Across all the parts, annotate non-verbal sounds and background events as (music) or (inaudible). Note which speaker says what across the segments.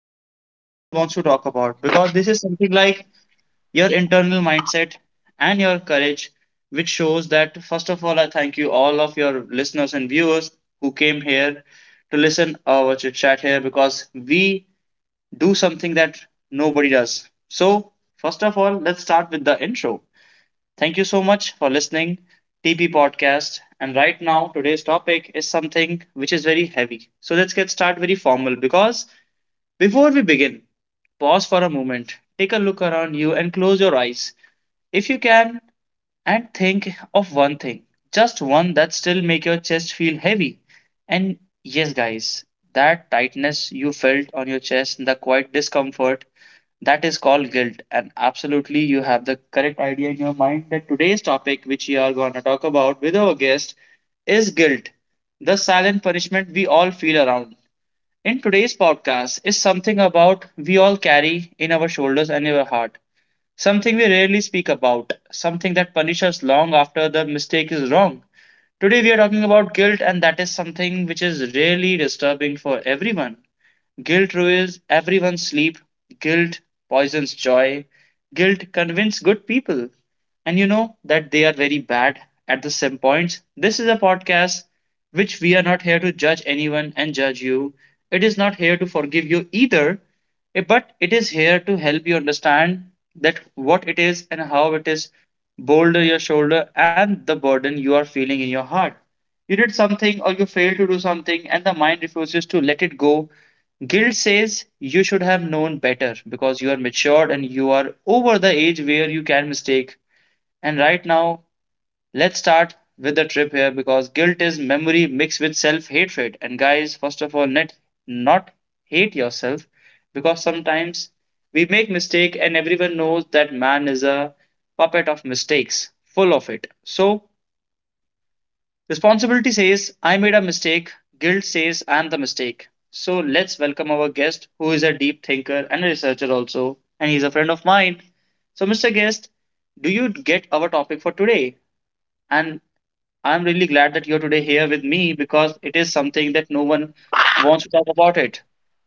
Speaker 1: topic which no one wants to talk about because this is something like your internal mindset and your courage, which shows that first of all, I thank you all of your listeners and viewers who came here to listen our chit chat here because we do something that nobody does. So, first of all, let's start with the intro. Thank you so much for listening TP podcast. And right now, today's topic is something which is very heavy. So let's get started very formal because before we begin, pause for a moment, take a look around you, and close your eyes if you can and think of one thing, just one that still make your chest feel heavy. And yes, guys, that tightness you felt on your chest, the quiet discomfort, that is called guilt. And absolutely, you have the correct idea in your mind that today's topic, which we are going to talk about with our guest, is guilt, the silent punishment we all feel around in today's podcast is something about we all carry in our shoulders and in our heart. Something we rarely speak about, something that punishes us long after the mistake is wrong. Today we are talking about guilt and that is something which is really disturbing for everyone. Guilt ruins everyone's sleep. Guilt poisons joy. Guilt convinces good people. And you know that they are very bad at the same points. This is a podcast which we are not here to judge anyone and judge you. It is not here to forgive you either, but it is here to help you understand that what it is and how it is Boulder your shoulder and the burden you are feeling in your heart. You did something or you failed to do something and the mind refuses to let it go. Guilt says you should have known better because you are matured and you are over the age where you can mistake. And right now, let's start with the trip here because guilt is memory mixed with self hatred. And guys, first of all, net not hate yourself because sometimes we make mistake and everyone knows that man is a puppet of mistakes, full of it. So responsibility says, I made a mistake. Guilt says, I'm the mistake. So let's welcome our guest, who is a deep thinker and a researcher also, and he's a friend of mine. So, Mr. Guest, do you get our topic for today? And I'm really glad that you're today here with me because it is something that no one wants to talk about it.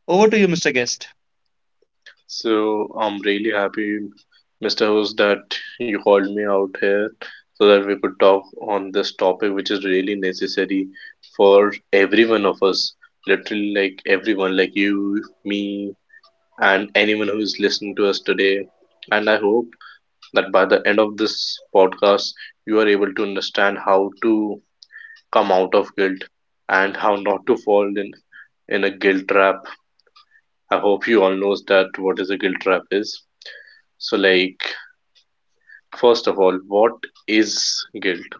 Speaker 1: Over to you, Mr. Guest.
Speaker 2: So I'm really happy, Mr. Host, that you called me out here so that we could talk on this topic, which is really necessary for every one of us, literally like everyone, like you, me, and anyone who is listening to us today. And I hope that by the end of this podcast, you are able to understand how to come out of guilt and how not to fall in a guilt trap. I hope you all knows that what is a guilt trap is. So like First of all, what is guilt?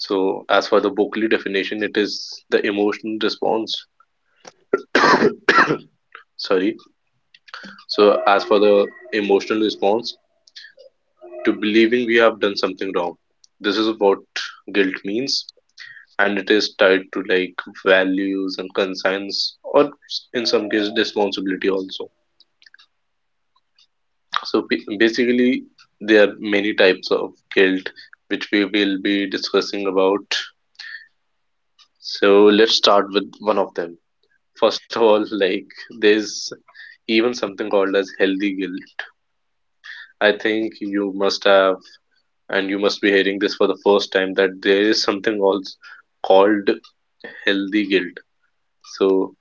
Speaker 2: So, as for the Buckley definition, it is the emotional response. Sorry. So, as for the emotional response to believing we have done something wrong, this is what guilt means, and it is tied to like values and conscience, or in some cases, responsibility also. So, basically, there are many types of guilt which we will be discussing about. So, let's start with one of them. First of all, like there's even something called as healthy guilt. I think you must have, and you must be hearing this for the first time, that there is something also called healthy guilt. So,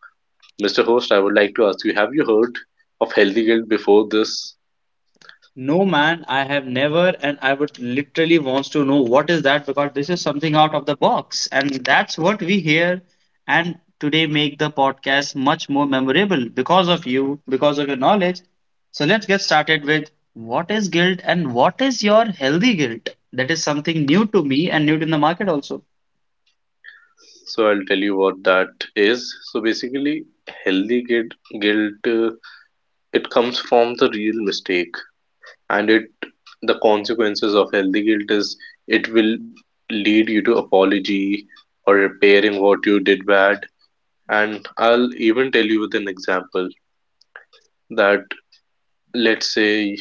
Speaker 2: Mr. Host, I would like to ask you, have you heard of healthy guilt before this?
Speaker 1: No man, I have never, and I would literally wants to know what is that because this is something out of the box, and that's what we hear. And today make the podcast much more memorable because of you, because of your knowledge. So let's get started with what is guilt and what is your healthy guilt? That is something new to me and new to the market also.
Speaker 2: So I'll tell you what that is. So basically, healthy guilt uh, it comes from the real mistake, and it the consequences of healthy guilt is it will lead you to apology or repairing what you did bad, and I'll even tell you with an example that, let's say,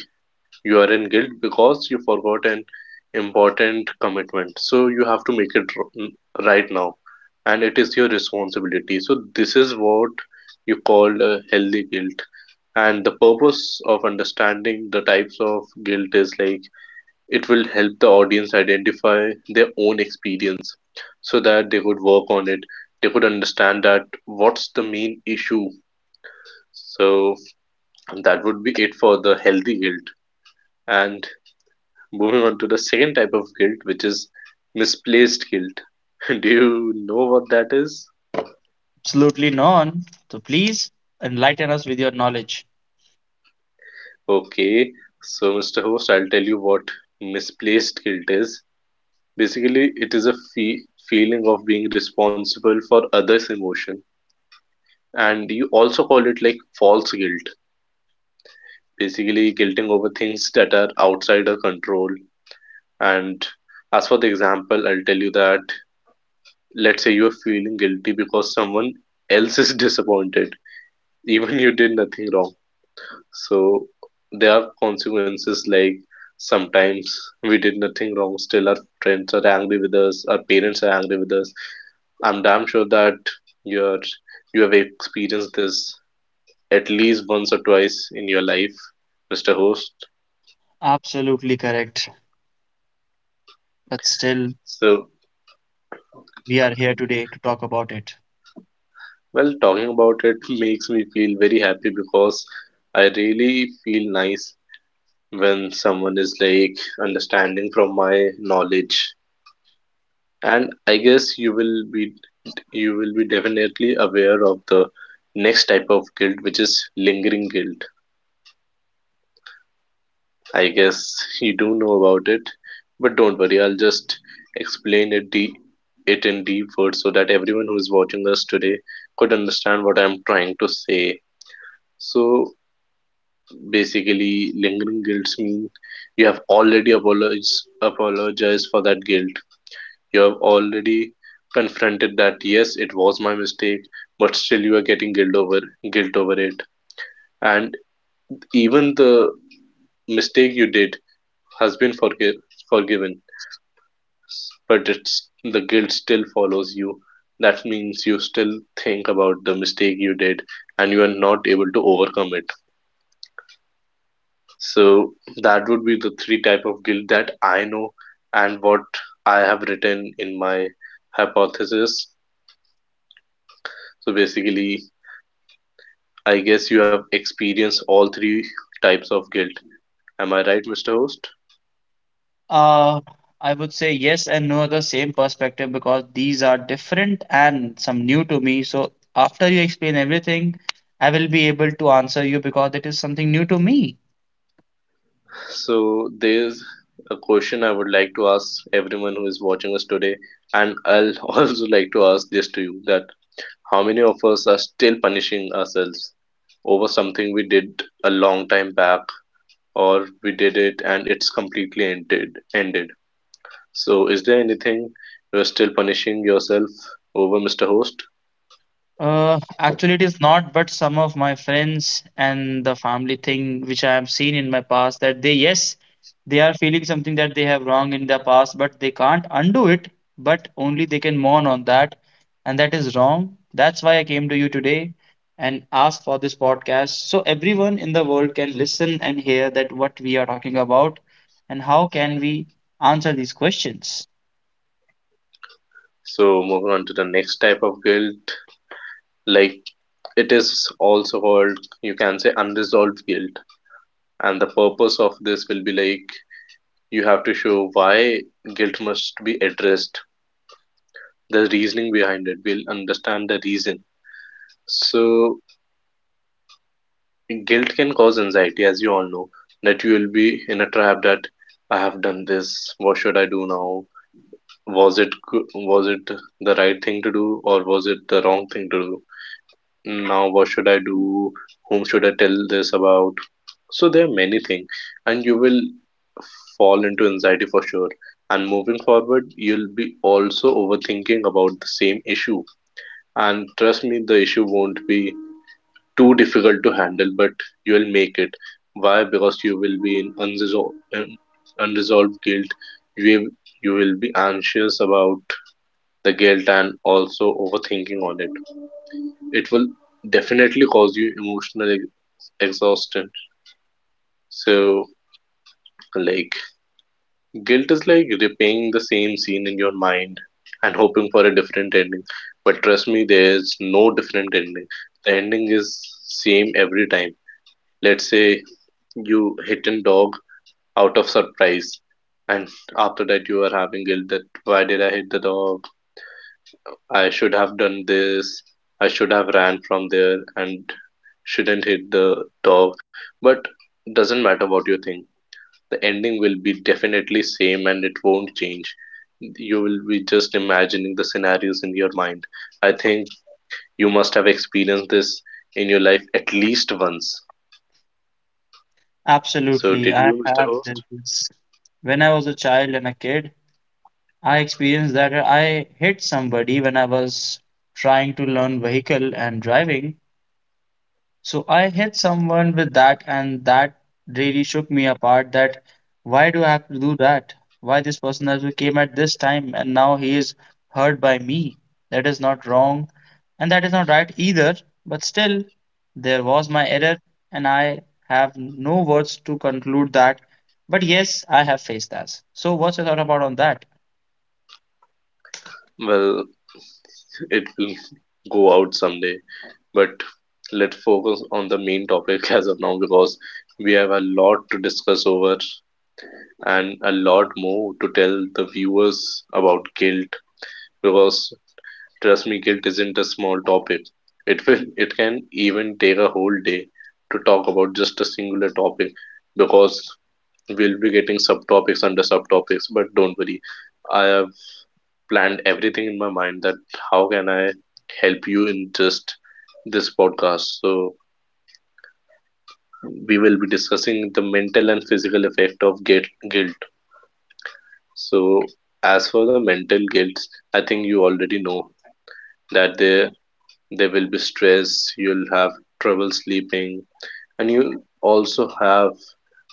Speaker 2: you are in guilt because you forgot an important commitment, so you have to make it right now, and it is your responsibility. So this is what you call a healthy guilt. And the purpose of understanding the types of guilt is like it will help the audience identify their own experience so that they could work on it. They could understand that what's the main issue. So that would be it for the healthy guilt. And moving on to the second type of guilt, which is misplaced guilt. (laughs) Do you know what that is?
Speaker 1: Absolutely none. So please enlighten us with your knowledge.
Speaker 2: Okay, so Mr. Host, I'll tell you what misplaced guilt is. Basically, it is a feeling of being responsible for others' emotion, and you also call it like false guilt, basically guilting over things that are outside our control. And as for the example, I'll tell you that, let's say you're feeling guilty because someone else is (laughs) disappointed, even you did nothing wrong. So there are consequences, like sometimes we did nothing wrong, still our friends are angry with us, our parents are angry with us. I'm damn sure that you're you have experienced this at least once or twice in your life, Mr. Host.
Speaker 1: Absolutely correct. But still,
Speaker 2: So,
Speaker 1: we are here today to talk about it.
Speaker 2: well, talking about it (laughs) makes me feel very happy because I really feel nice when someone is like understanding from my knowledge. And I guess you will be definitely aware of the next type of guilt, which is lingering guilt. I guess you do know about it, but don't worry, I'll just explain it in deep words so that everyone who is watching us today could understand what I'm trying to say. So basically, lingering guilt mean you have already apologized for that guilt. You have already confronted that yes, it was my mistake, but still you are getting guilt over it, and even the mistake you did has been forgiven, but it's the guilt still follows you. That means you still think about the mistake you did and you are not able to overcome it. So that would be the three type of guilt that I know and what I have written in my hypothesis. So basically, I guess you have experienced all three types of guilt. Am I right, Mr. Host?
Speaker 1: Uh, I would say yes and no, the same perspective because these are different and some new to me. So after you explain everything, I will be able to answer you because it is something new to me.
Speaker 2: So there's a question I would like to ask everyone who is watching us today, and I'll (laughs) also like to ask this to you that how many of us are still punishing ourselves over something we did a long time back or we did it and it's completely ended. So is there anything you're still punishing yourself over, Mr. Host?
Speaker 1: Actually, it is not, but some of my friends and the family thing, which I have seen in my past, that they, yes, they are feeling something that they have wrong in the past, but they can't undo it, but only they can mourn on that. And that is wrong. That's why I came to you today and asked for this podcast. So everyone in the world can listen and hear that what we are talking about and how can we answer these questions.
Speaker 2: So moving on to the next type of guilt, like it is also called, you can say, unresolved guilt. And the purpose of this will be like you have to show why guilt must be addressed, the reasoning behind it. We'll understand the reason. So guilt can cause anxiety, as you all know, that you will be in a trap that I have done this. What should I do now? Was it the right thing to do or was it the wrong thing to do? Now what should I do? Whom should I tell this about? So there are many things, and you will fall into anxiety for sure. And moving forward, you'll be also overthinking about the same issue. And trust me, the issue won't be too difficult to handle, but you'll make it. Why? Because you will be in unresolved guilt. You will, you will be anxious about the guilt and also overthinking on it. It will definitely cause you emotional exhaustion. So, like, guilt is like replaying the same scene in your mind and hoping for a different ending. But trust me, there's no different ending. The ending is same every time. Let's say you hit a dog out of surprise. And after that, you are having guilt that why did I hit the dog? I should have done this. I should have ran from there and shouldn't hit the dog. But doesn't matter what you think. The ending will be definitely same and it won't change. You will be just imagining the scenarios in your mind. I think you must have experienced this in your life at least once. So
Speaker 1: Absolutely.
Speaker 2: did
Speaker 1: I
Speaker 2: you, Mr.
Speaker 1: have
Speaker 2: Host?
Speaker 1: this when I was a child and a kid. I experienced that I hit somebody when I was trying to learn vehicle and driving. So I hit someone with that, and that really shook me apart. That why do I have to do that? Why this person has to came at this time and now he is hurt by me? That is not wrong, and that is not right either. But still, there was my error, and I have no words to conclude that. But yes, I have faced that. So what's your thought about on that?
Speaker 2: Well, it will (laughs) go out someday, but let's focus on the main topic as of now, because we have a lot to discuss over and a lot more to tell the viewers about guilt, because trust me, guilt isn't a small topic. It can even take a whole day to talk about just a singular topic, because we'll be getting subtopics under subtopics. But don't worry, I have planned everything in my mind that how can I help you in just this podcast. So we will be discussing the mental and physical effect of guilt. So, as for the mental guilt, I think you already know that there will be stress. You'll have trouble sleeping, and you also have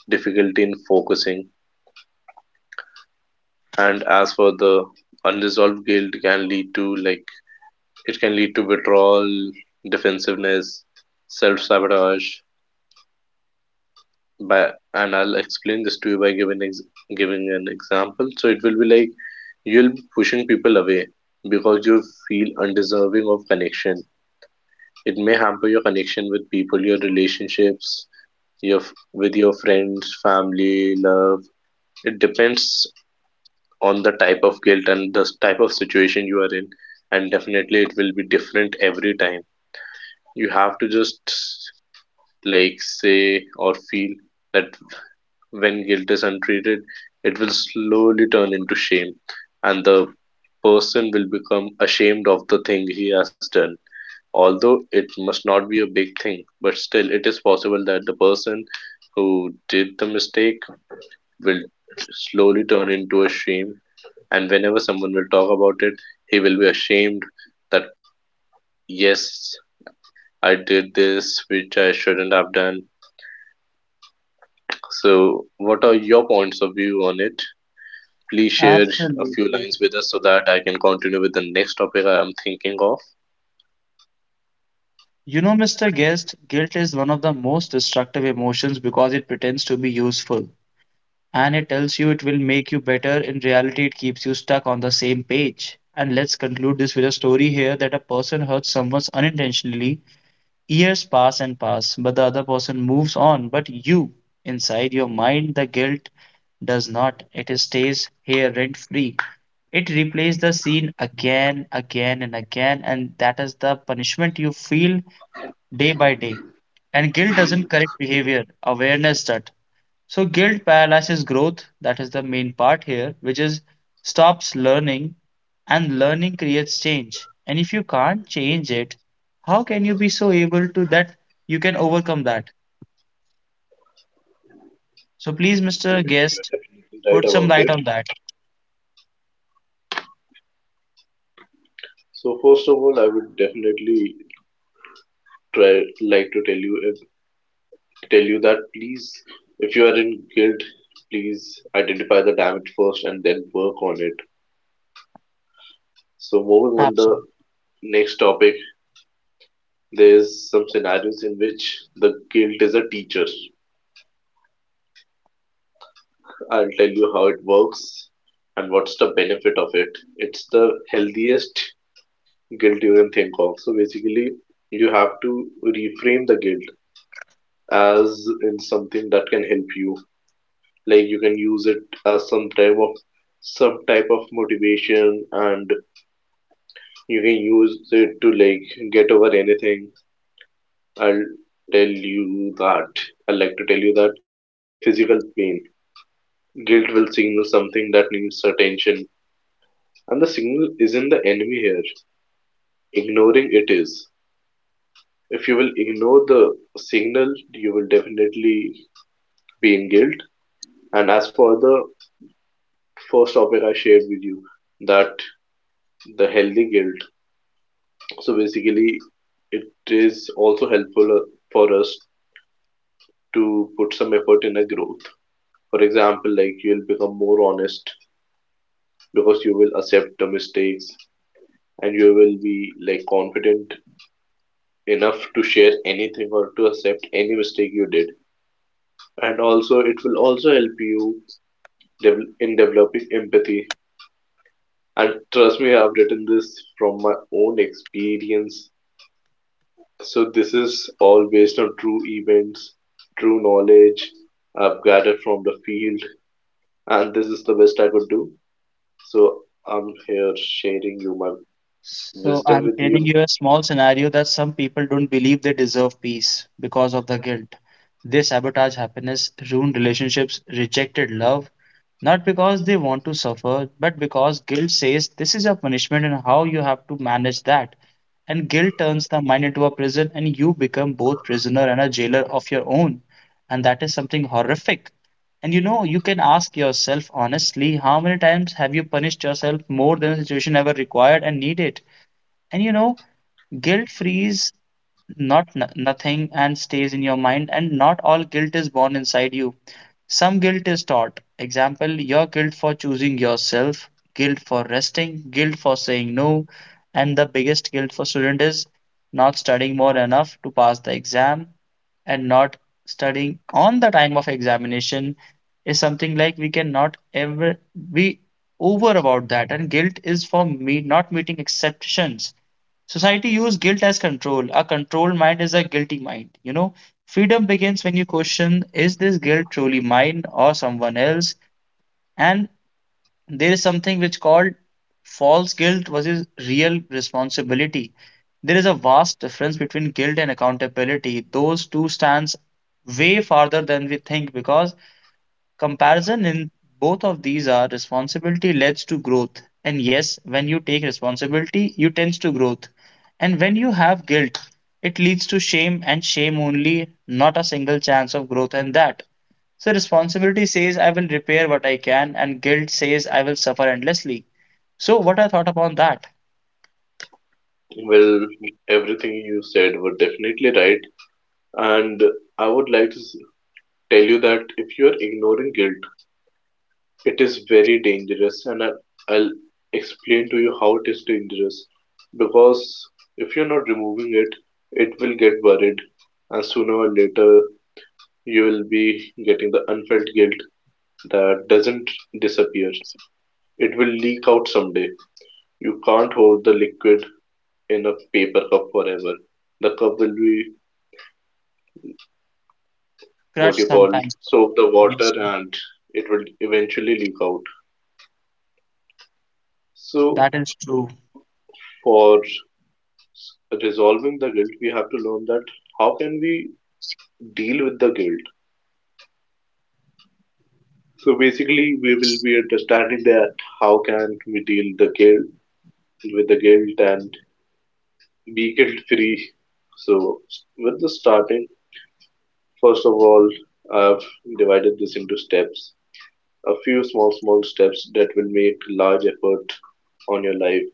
Speaker 2: difficulty in focusing. And as for the unresolved guilt, can lead to like it can lead to withdrawal, defensiveness, self sabotage, but and I'll explain this to you by giving giving an example. So it will be like you'll be pushing people away because you feel undeserving of connection. It may hamper your connection with people, your relationships, your with your friends, family, love. It depends on the type of guilt and the type of situation you are in, and definitely it will be different every time. You have to just like say or feel that when guilt is untreated, it will slowly turn into shame, and the person will become ashamed of the thing he has done. Although it must not be a big thing, but still, it is possible that the person who did the mistake will slowly turn into a shame. And whenever someone will talk about it, he will be ashamed that, yes, I did this, which I shouldn't have done. So, what are your points of view on it? Please share a few
Speaker 1: Absolutely.
Speaker 2: lines with us so that I can continue with the next topic I am thinking of?
Speaker 1: You know, Mr. Guest, guilt is one of the most destructive emotions because it pretends to be useful and it tells you it will make you better. In reality, it keeps you stuck on the same page. And let's conclude this with a story here that a person hurts someone unintentionally. Years pass and pass, but the other person moves on. But you, inside your mind, the guilt does not. It stays here rent free. It replays the scene again, again, and again, and that is the punishment you feel day by day. And guilt doesn't correct behavior, awareness that. So guilt paralyzes growth, that is the main part here, which is stops learning and learning creates change. And if you can't change it, how can you be so able to that you can overcome that? So please,
Speaker 2: You
Speaker 1: Mr.
Speaker 2: are
Speaker 1: Guest,
Speaker 2: definitely right
Speaker 1: put some
Speaker 2: about
Speaker 1: light
Speaker 2: it.
Speaker 1: on that.
Speaker 2: So first of all, I would definitely try like to tell you if, tell you that please, if you are in guilt, please identify the damage first and then work on it. So moving on the
Speaker 1: Absolutely.
Speaker 2: next topic, there's some scenarios in which the guilt is a teacher. I'll tell you how it works and what's the benefit of it. It's the healthiest guilt you can think of. So basically, you have to reframe the guilt as in something that can help you. Like you can use it as some type of motivation, and you can use it to like get over anything. I'll tell you that. I like to tell you that, like physical pain, guilt will signal something that needs attention, and the signal isn't the enemy here. Ignoring it is, if you will ignore the signal you will definitely being guilt. And as for the first topic I shared with you, that the healthy guilt. So basically, it is also helpful for us to put some effort in a growth. For example, like you'll become more honest because you will accept the mistakes and you will be like confident enough to share anything or to accept any mistake you did. And also, it will also help you in developing empathy. And trust me, I've written this from my own experience. So this is all based on true events, true knowledge I've gathered from the field, and this is the best I could do. So I'm here sharing you my
Speaker 1: So
Speaker 2: wisdom
Speaker 1: I'm
Speaker 2: with
Speaker 1: telling
Speaker 2: you.
Speaker 1: you a small scenario that some people don't believe they deserve peace because of the guilt. They sabotage happiness, ruin relationships, rejected love, not because they want to suffer, but because guilt says this is a punishment and how you have to manage that. And guilt turns the mind into a prison and you become both prisoner and a jailer of your own. And that is something horrific. And you know, you can ask yourself honestly, how many times have you punished yourself more than the situation ever required and needed? And you know, guilt frees nothing and stays in your mind, and not all guilt is born inside you. Some guilt is taught. Example, your guilt for choosing yourself, guilt for resting, guilt for saying no, and the biggest guilt for student is not studying more enough to pass the exam and not studying on the time of examination is something like we cannot ever be over about that and guilt is for me not meeting exceptions. Society use guilt as control. A controlled mind is a guilty mind. You know, freedom begins when you question, is this guilt truly mine or someone else? And there is something which called false guilt versus real responsibility. There is a vast difference between guilt and accountability. Those two stands way farther than we think because comparison in both of these are responsibility leads to growth. And yes, when you take responsibility, you tends to growth. And when you have guilt, it leads to shame and shame only, not a single chance of growth and that. So responsibility says I will repair what I can and guilt says I will suffer endlessly. So what I thought upon that?
Speaker 2: Well, everything you said were definitely right, and I would like to tell you that if you're ignoring guilt, it is very dangerous, and I'll explain to you how it is dangerous. Because if you're not removing it, it will get buried, and sooner or later you will be getting the unfelt guilt that doesn't disappear. It will leak out someday. You can't hold the liquid in a paper cup forever. The cup will be
Speaker 1: Crush
Speaker 2: what you call
Speaker 1: sometimes.
Speaker 2: soak the
Speaker 1: Yes,
Speaker 2: water, and it will eventually leak out. So
Speaker 1: that is true.
Speaker 2: for resolving the guilt, we have to learn that how can we deal with the guilt. So basically, we will be understanding that how can we deal the guilt with the guilt and be guilt free. So with the starting, first of all, I've divided this into steps, a few small small steps that will make large effort on your life.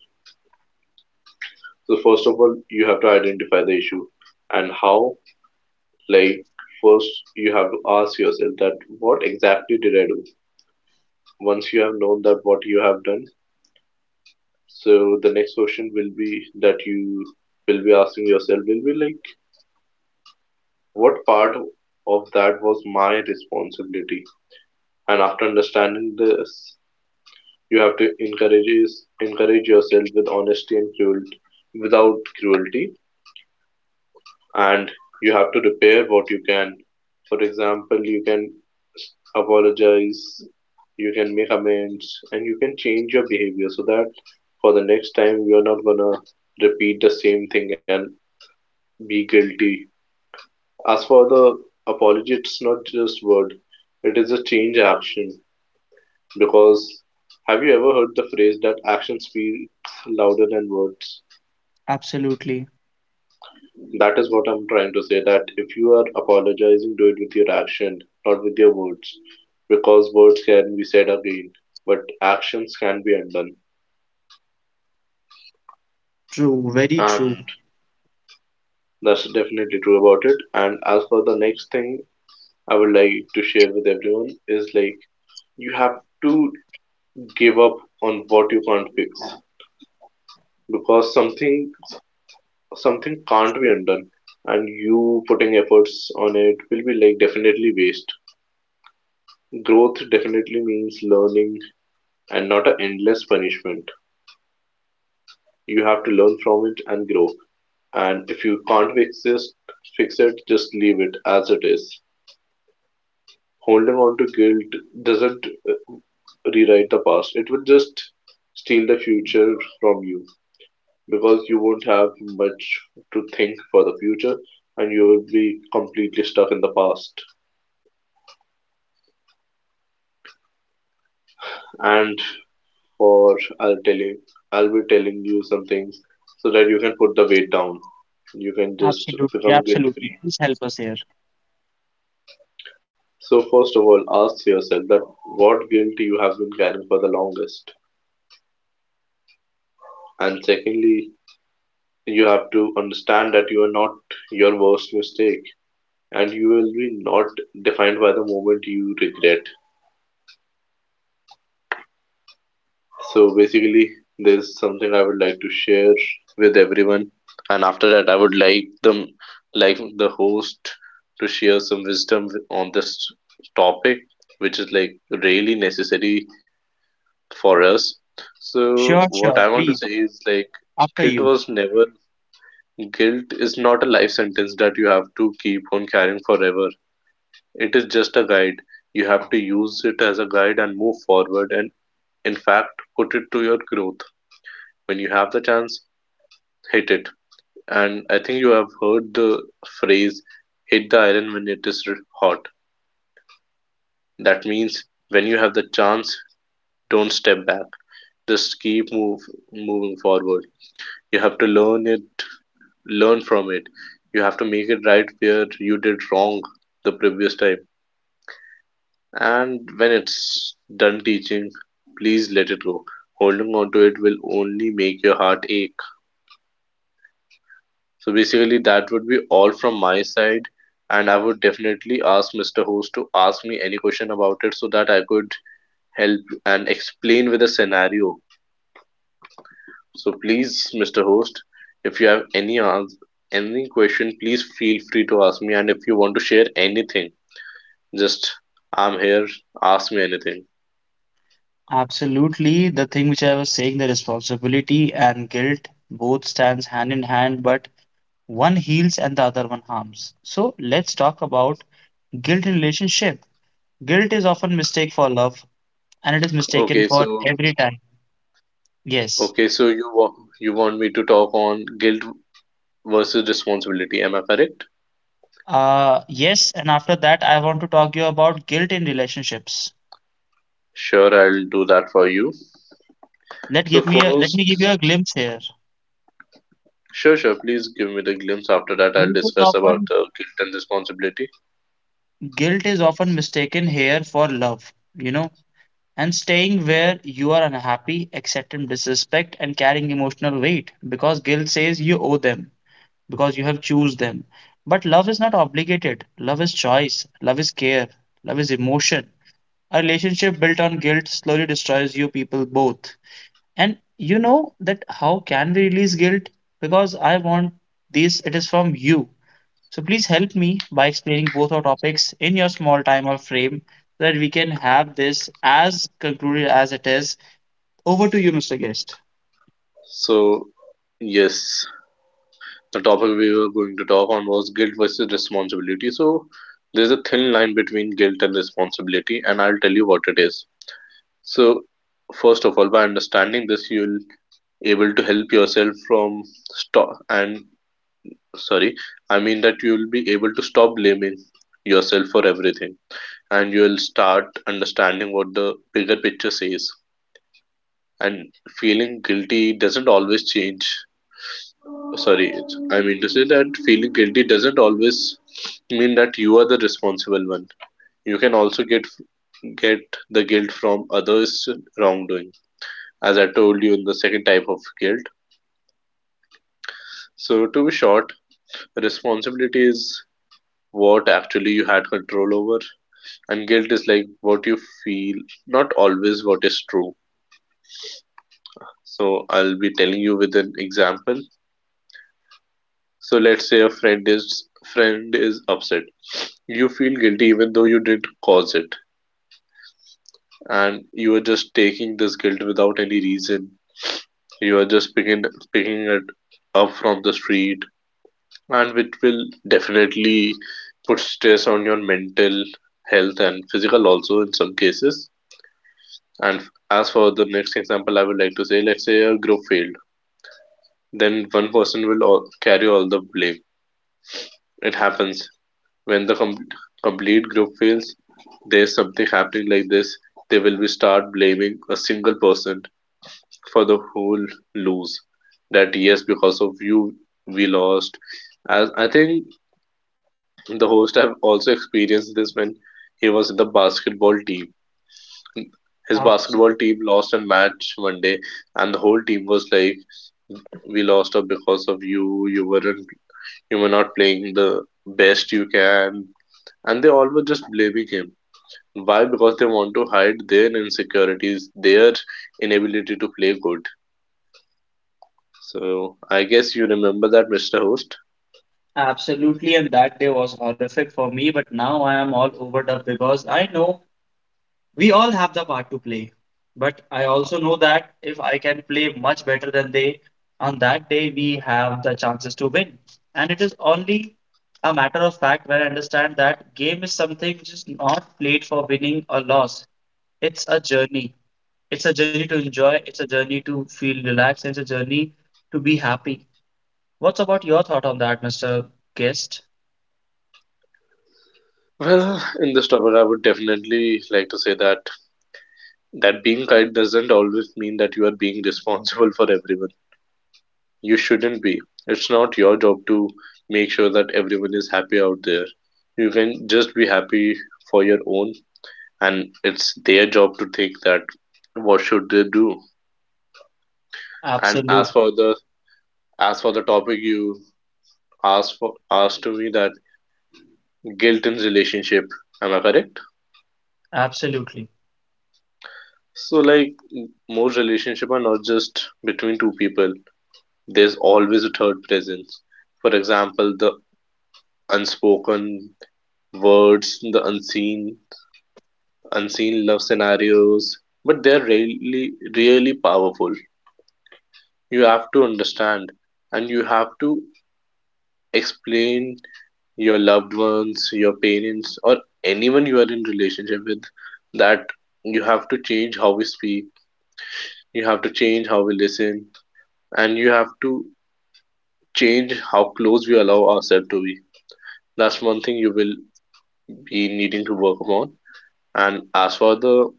Speaker 2: So first of all, you have to identify the issue and how. Like first, you have to ask yourself that what exactly did I do? Once you have known that what you have done, so the next question will be that you will be asking yourself will be like what part of that was my responsibility, and after understanding this you have to encourage yourself with honesty and cruelty, without cruelty, and you have to repair what you can. For example, you can apologize, you can make amends, and you can change your behavior so that for the next time you're not gonna repeat the same thing and be guilty. As for the apology, it's not just word, it is a change action because have you ever heard the phrase that action speaks louder than words?
Speaker 1: Absolutely.
Speaker 2: That is what I'm trying to say that if you are apologizing, do it with your action, not with your words, because words can be said again, but actions can be undone.
Speaker 1: True. Very true.
Speaker 2: And that's definitely true about it. And as for the next thing I would like to share with everyone is like you have to give up on what you can't fix because something can't be undone and you putting efforts on it will be like definitely waste. Growth definitely means learning and not an endless punishment. You have to learn from it and grow. And if you can't fix this, fix it, just leave it as it is. Holding on to guilt doesn't rewrite the past, it will just steal the future from you because you won't have much to think for the future and you will be completely stuck in the past. And for I'll tell you, I'll be telling you some things so that you can put the weight down. You can just
Speaker 1: Absolutely.
Speaker 2: become guilt
Speaker 1: Absolutely.
Speaker 2: free.
Speaker 1: Please help us here.
Speaker 2: So, first of all, ask yourself that what guilt you have been carrying for the longest. And secondly, you have to understand that you are not your worst mistake and you will be not defined by the moment you regret. So basically, there's something I would like to share with everyone, and after that I would like them, like the host, to share some wisdom on this topic, which is like really necessary for us. So
Speaker 1: Sure,
Speaker 2: what
Speaker 1: sure.
Speaker 2: I want to
Speaker 1: Please.
Speaker 2: say is like
Speaker 1: After
Speaker 2: guilt
Speaker 1: you.
Speaker 2: was never guilt is not a life sentence that you have to keep on carrying forever. It is just a guide. You have to use it as a guide and move forward and in fact put it to your growth. When you have the chance, hit it. And I think you have heard the phrase, hit the iron when it is hot. That means when you have the chance, don't step back. Just keep move moving forward. You have to learn it, learn from it. You have to make it right where you did wrong the previous time. And when it's done teaching, please let it go. Holding on to it will only make your heart ache. So basically, that would be all from my side. And I would definitely ask Mr. Host to ask me any question about it so that I could help and explain with a scenario. So please, Mr. Host, if you have any any question, please feel free to ask me. And if you want to share anything, just I'm here. Ask me anything.
Speaker 1: Absolutely. The thing which I was saying, the responsibility and guilt both stands hand in hand, but one heals and the other one harms. So let's talk about guilt in relationship. Guilt is often mistaken for love, and it is mistaken
Speaker 2: Okay,
Speaker 1: for
Speaker 2: so
Speaker 1: every time. Yes.
Speaker 2: Okay, so you want me to talk on guilt versus responsibility, am I correct?
Speaker 1: Yes, and after that, I want to talk you about guilt in relationships.
Speaker 2: Sure, I'll do that for you. So
Speaker 1: Let
Speaker 2: first,
Speaker 1: me give you a glimpse here.
Speaker 2: sure, sure, please give me the glimpse. After that, I'll
Speaker 1: Guilt is
Speaker 2: discuss about
Speaker 1: often
Speaker 2: guilt and responsibility.
Speaker 1: Guilt is often mistaken here for love. You know, and staying where you are unhappy, accepting disrespect, and carrying emotional weight because guilt says you owe them because you have choose them. But love is not obligated. Love is choice. Love is care. Love is emotion. A relationship built on guilt slowly destroys you people both. And you know that how can we release guilt? Because I want this. It is from you. So please help me by explaining both our topics in your small time or frame so that we can have this as concluded as it is over to you, Mr. Guest.
Speaker 2: So, yes, the topic we were going to talk on was guilt versus responsibility. So, there's a thin line between guilt and responsibility, and I'll tell you what it is. So, first of all, by understanding this, you'll able to help yourself from stop and sorry, I mean that you will be able to stop blaming yourself for everything, and you'll start understanding what the bigger picture says. And feeling guilty doesn't always change, sorry I mean to say that feeling guilty doesn't always mean that you are the responsible one. You can also get the guilt from others wrongdoing, as I told you in the second type of guilt. So to be short, responsibility is what actually you had control over, and guilt is like what you feel, not always what is true. So I'll be telling you with an example. So let's say a friend is upset, you feel guilty even though you didn't cause it, and you are just taking this guilt without any reason. You are just picking it up from the street, and which will definitely put stress on your mental health and physical also in some cases. And as for the next example, I would like to say, let's say a group failed, then one person will all, carry all the blame. It happens when the complete group fails. There's something happening like this. They will be start blaming a single person for the whole lose. That yes, because of you, we lost. As I think the host have also experienced this when he was in the basketball team. His
Speaker 1: Abs-
Speaker 2: basketball team lost a match one day, and the whole team was like we lost out because of you, you weren't you were not playing the best you can, and they all were just blaming him. Why? Because they want to hide their insecurities, their inability to play good. So I guess you remember that, Mr. Host.
Speaker 1: Absolutely, and that day was horrific for me, but now I am all over up because I know we all have the part to play. But I also know that if I can play much better than they, on that day we have the chances to win. And it is only a matter of fact where I understand that game is something just not played for winning or loss. It's a journey. It's a journey to enjoy, it's a journey to feel relaxed, and it's a journey to be happy. What's about your thought on that, Mr. Guest?
Speaker 2: Well, in this topic I would definitely like to say that being kind doesn't always mean that you are being responsible for everyone. You shouldn't be. It's not your job to make sure that everyone is happy out there. You can just be happy for your own, and it's their job to think that what should they do. And
Speaker 1: Absolute,
Speaker 2: as for the topic you asked to me that guilt in relationship, am I correct?
Speaker 1: absolutely.
Speaker 2: So like most relationship are not just between two people. There's always a third presence. For example, the unspoken words, the unseen love scenarios, but they're really, really powerful. You have to understand and you have to explain your loved ones, your parents, or anyone you are in relationship with that you have to change how we speak, you have to change how we listen, and you have to change how close we allow ourselves to be. That's one thing you will be needing to work upon. And as for the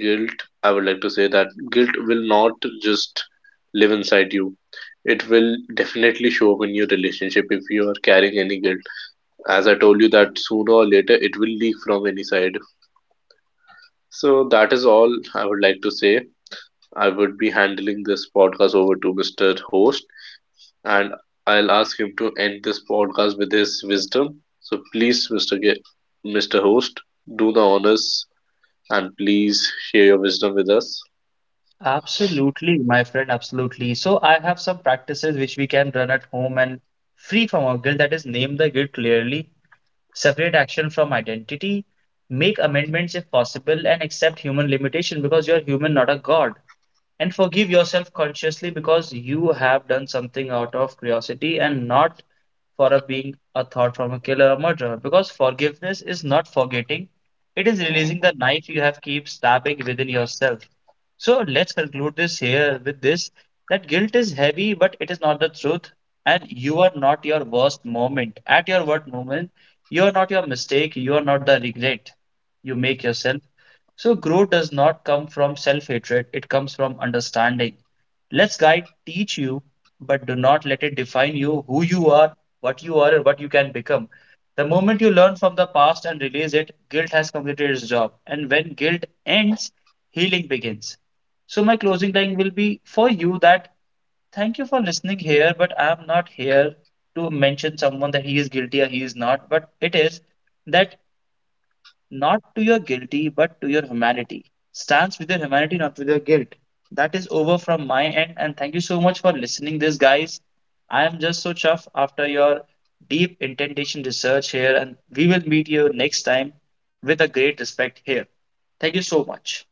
Speaker 2: guilt, I would like to say that guilt will not just live inside you. It will definitely show up in your relationship if you are carrying any guilt. As I told you that sooner or later it will leak from any side. So that is all I would like to say. I would be handling this podcast over to Mr. Host, and I'll ask him to end this podcast with his wisdom. So please, Mr. Host, do the honors and please share your wisdom with us.
Speaker 1: Absolutely, my friend, absolutely. So I have some practices which we can run at home and free from our guilt, that is, name the guilt clearly, separate action from identity, make amendments if possible, and accept human limitation because you're human, not a god. And forgive yourself consciously because you have done something out of curiosity and not for a being a thought from a killer or murderer because forgiveness is not forgetting, it is releasing the knife you have keep stabbing within yourself. So let's conclude this here with this that guilt is heavy but it is not the truth, and you are not your worst moment at your worst moment. You are not your mistake, you are not the regret you make yourself. So growth does not come from self-hatred, it comes from understanding. Let's guide teach you, but do not let it define you who you are, what you are and what you can become. The moment you learn from the past and release it, guilt has completed its job. And when guilt ends, healing begins. So, my closing line will be for you that thank you for listening here, but I am not here to mention someone that he is guilty or he is not, but it is that not to your guilty but to your humanity. Stands with your humanity, not with your guilt. That is over from my end, and thank you so much for listening this, guys. I am just so chuffed after your deep intention research here, and we will meet you next time with a great respect here. Thank you so much.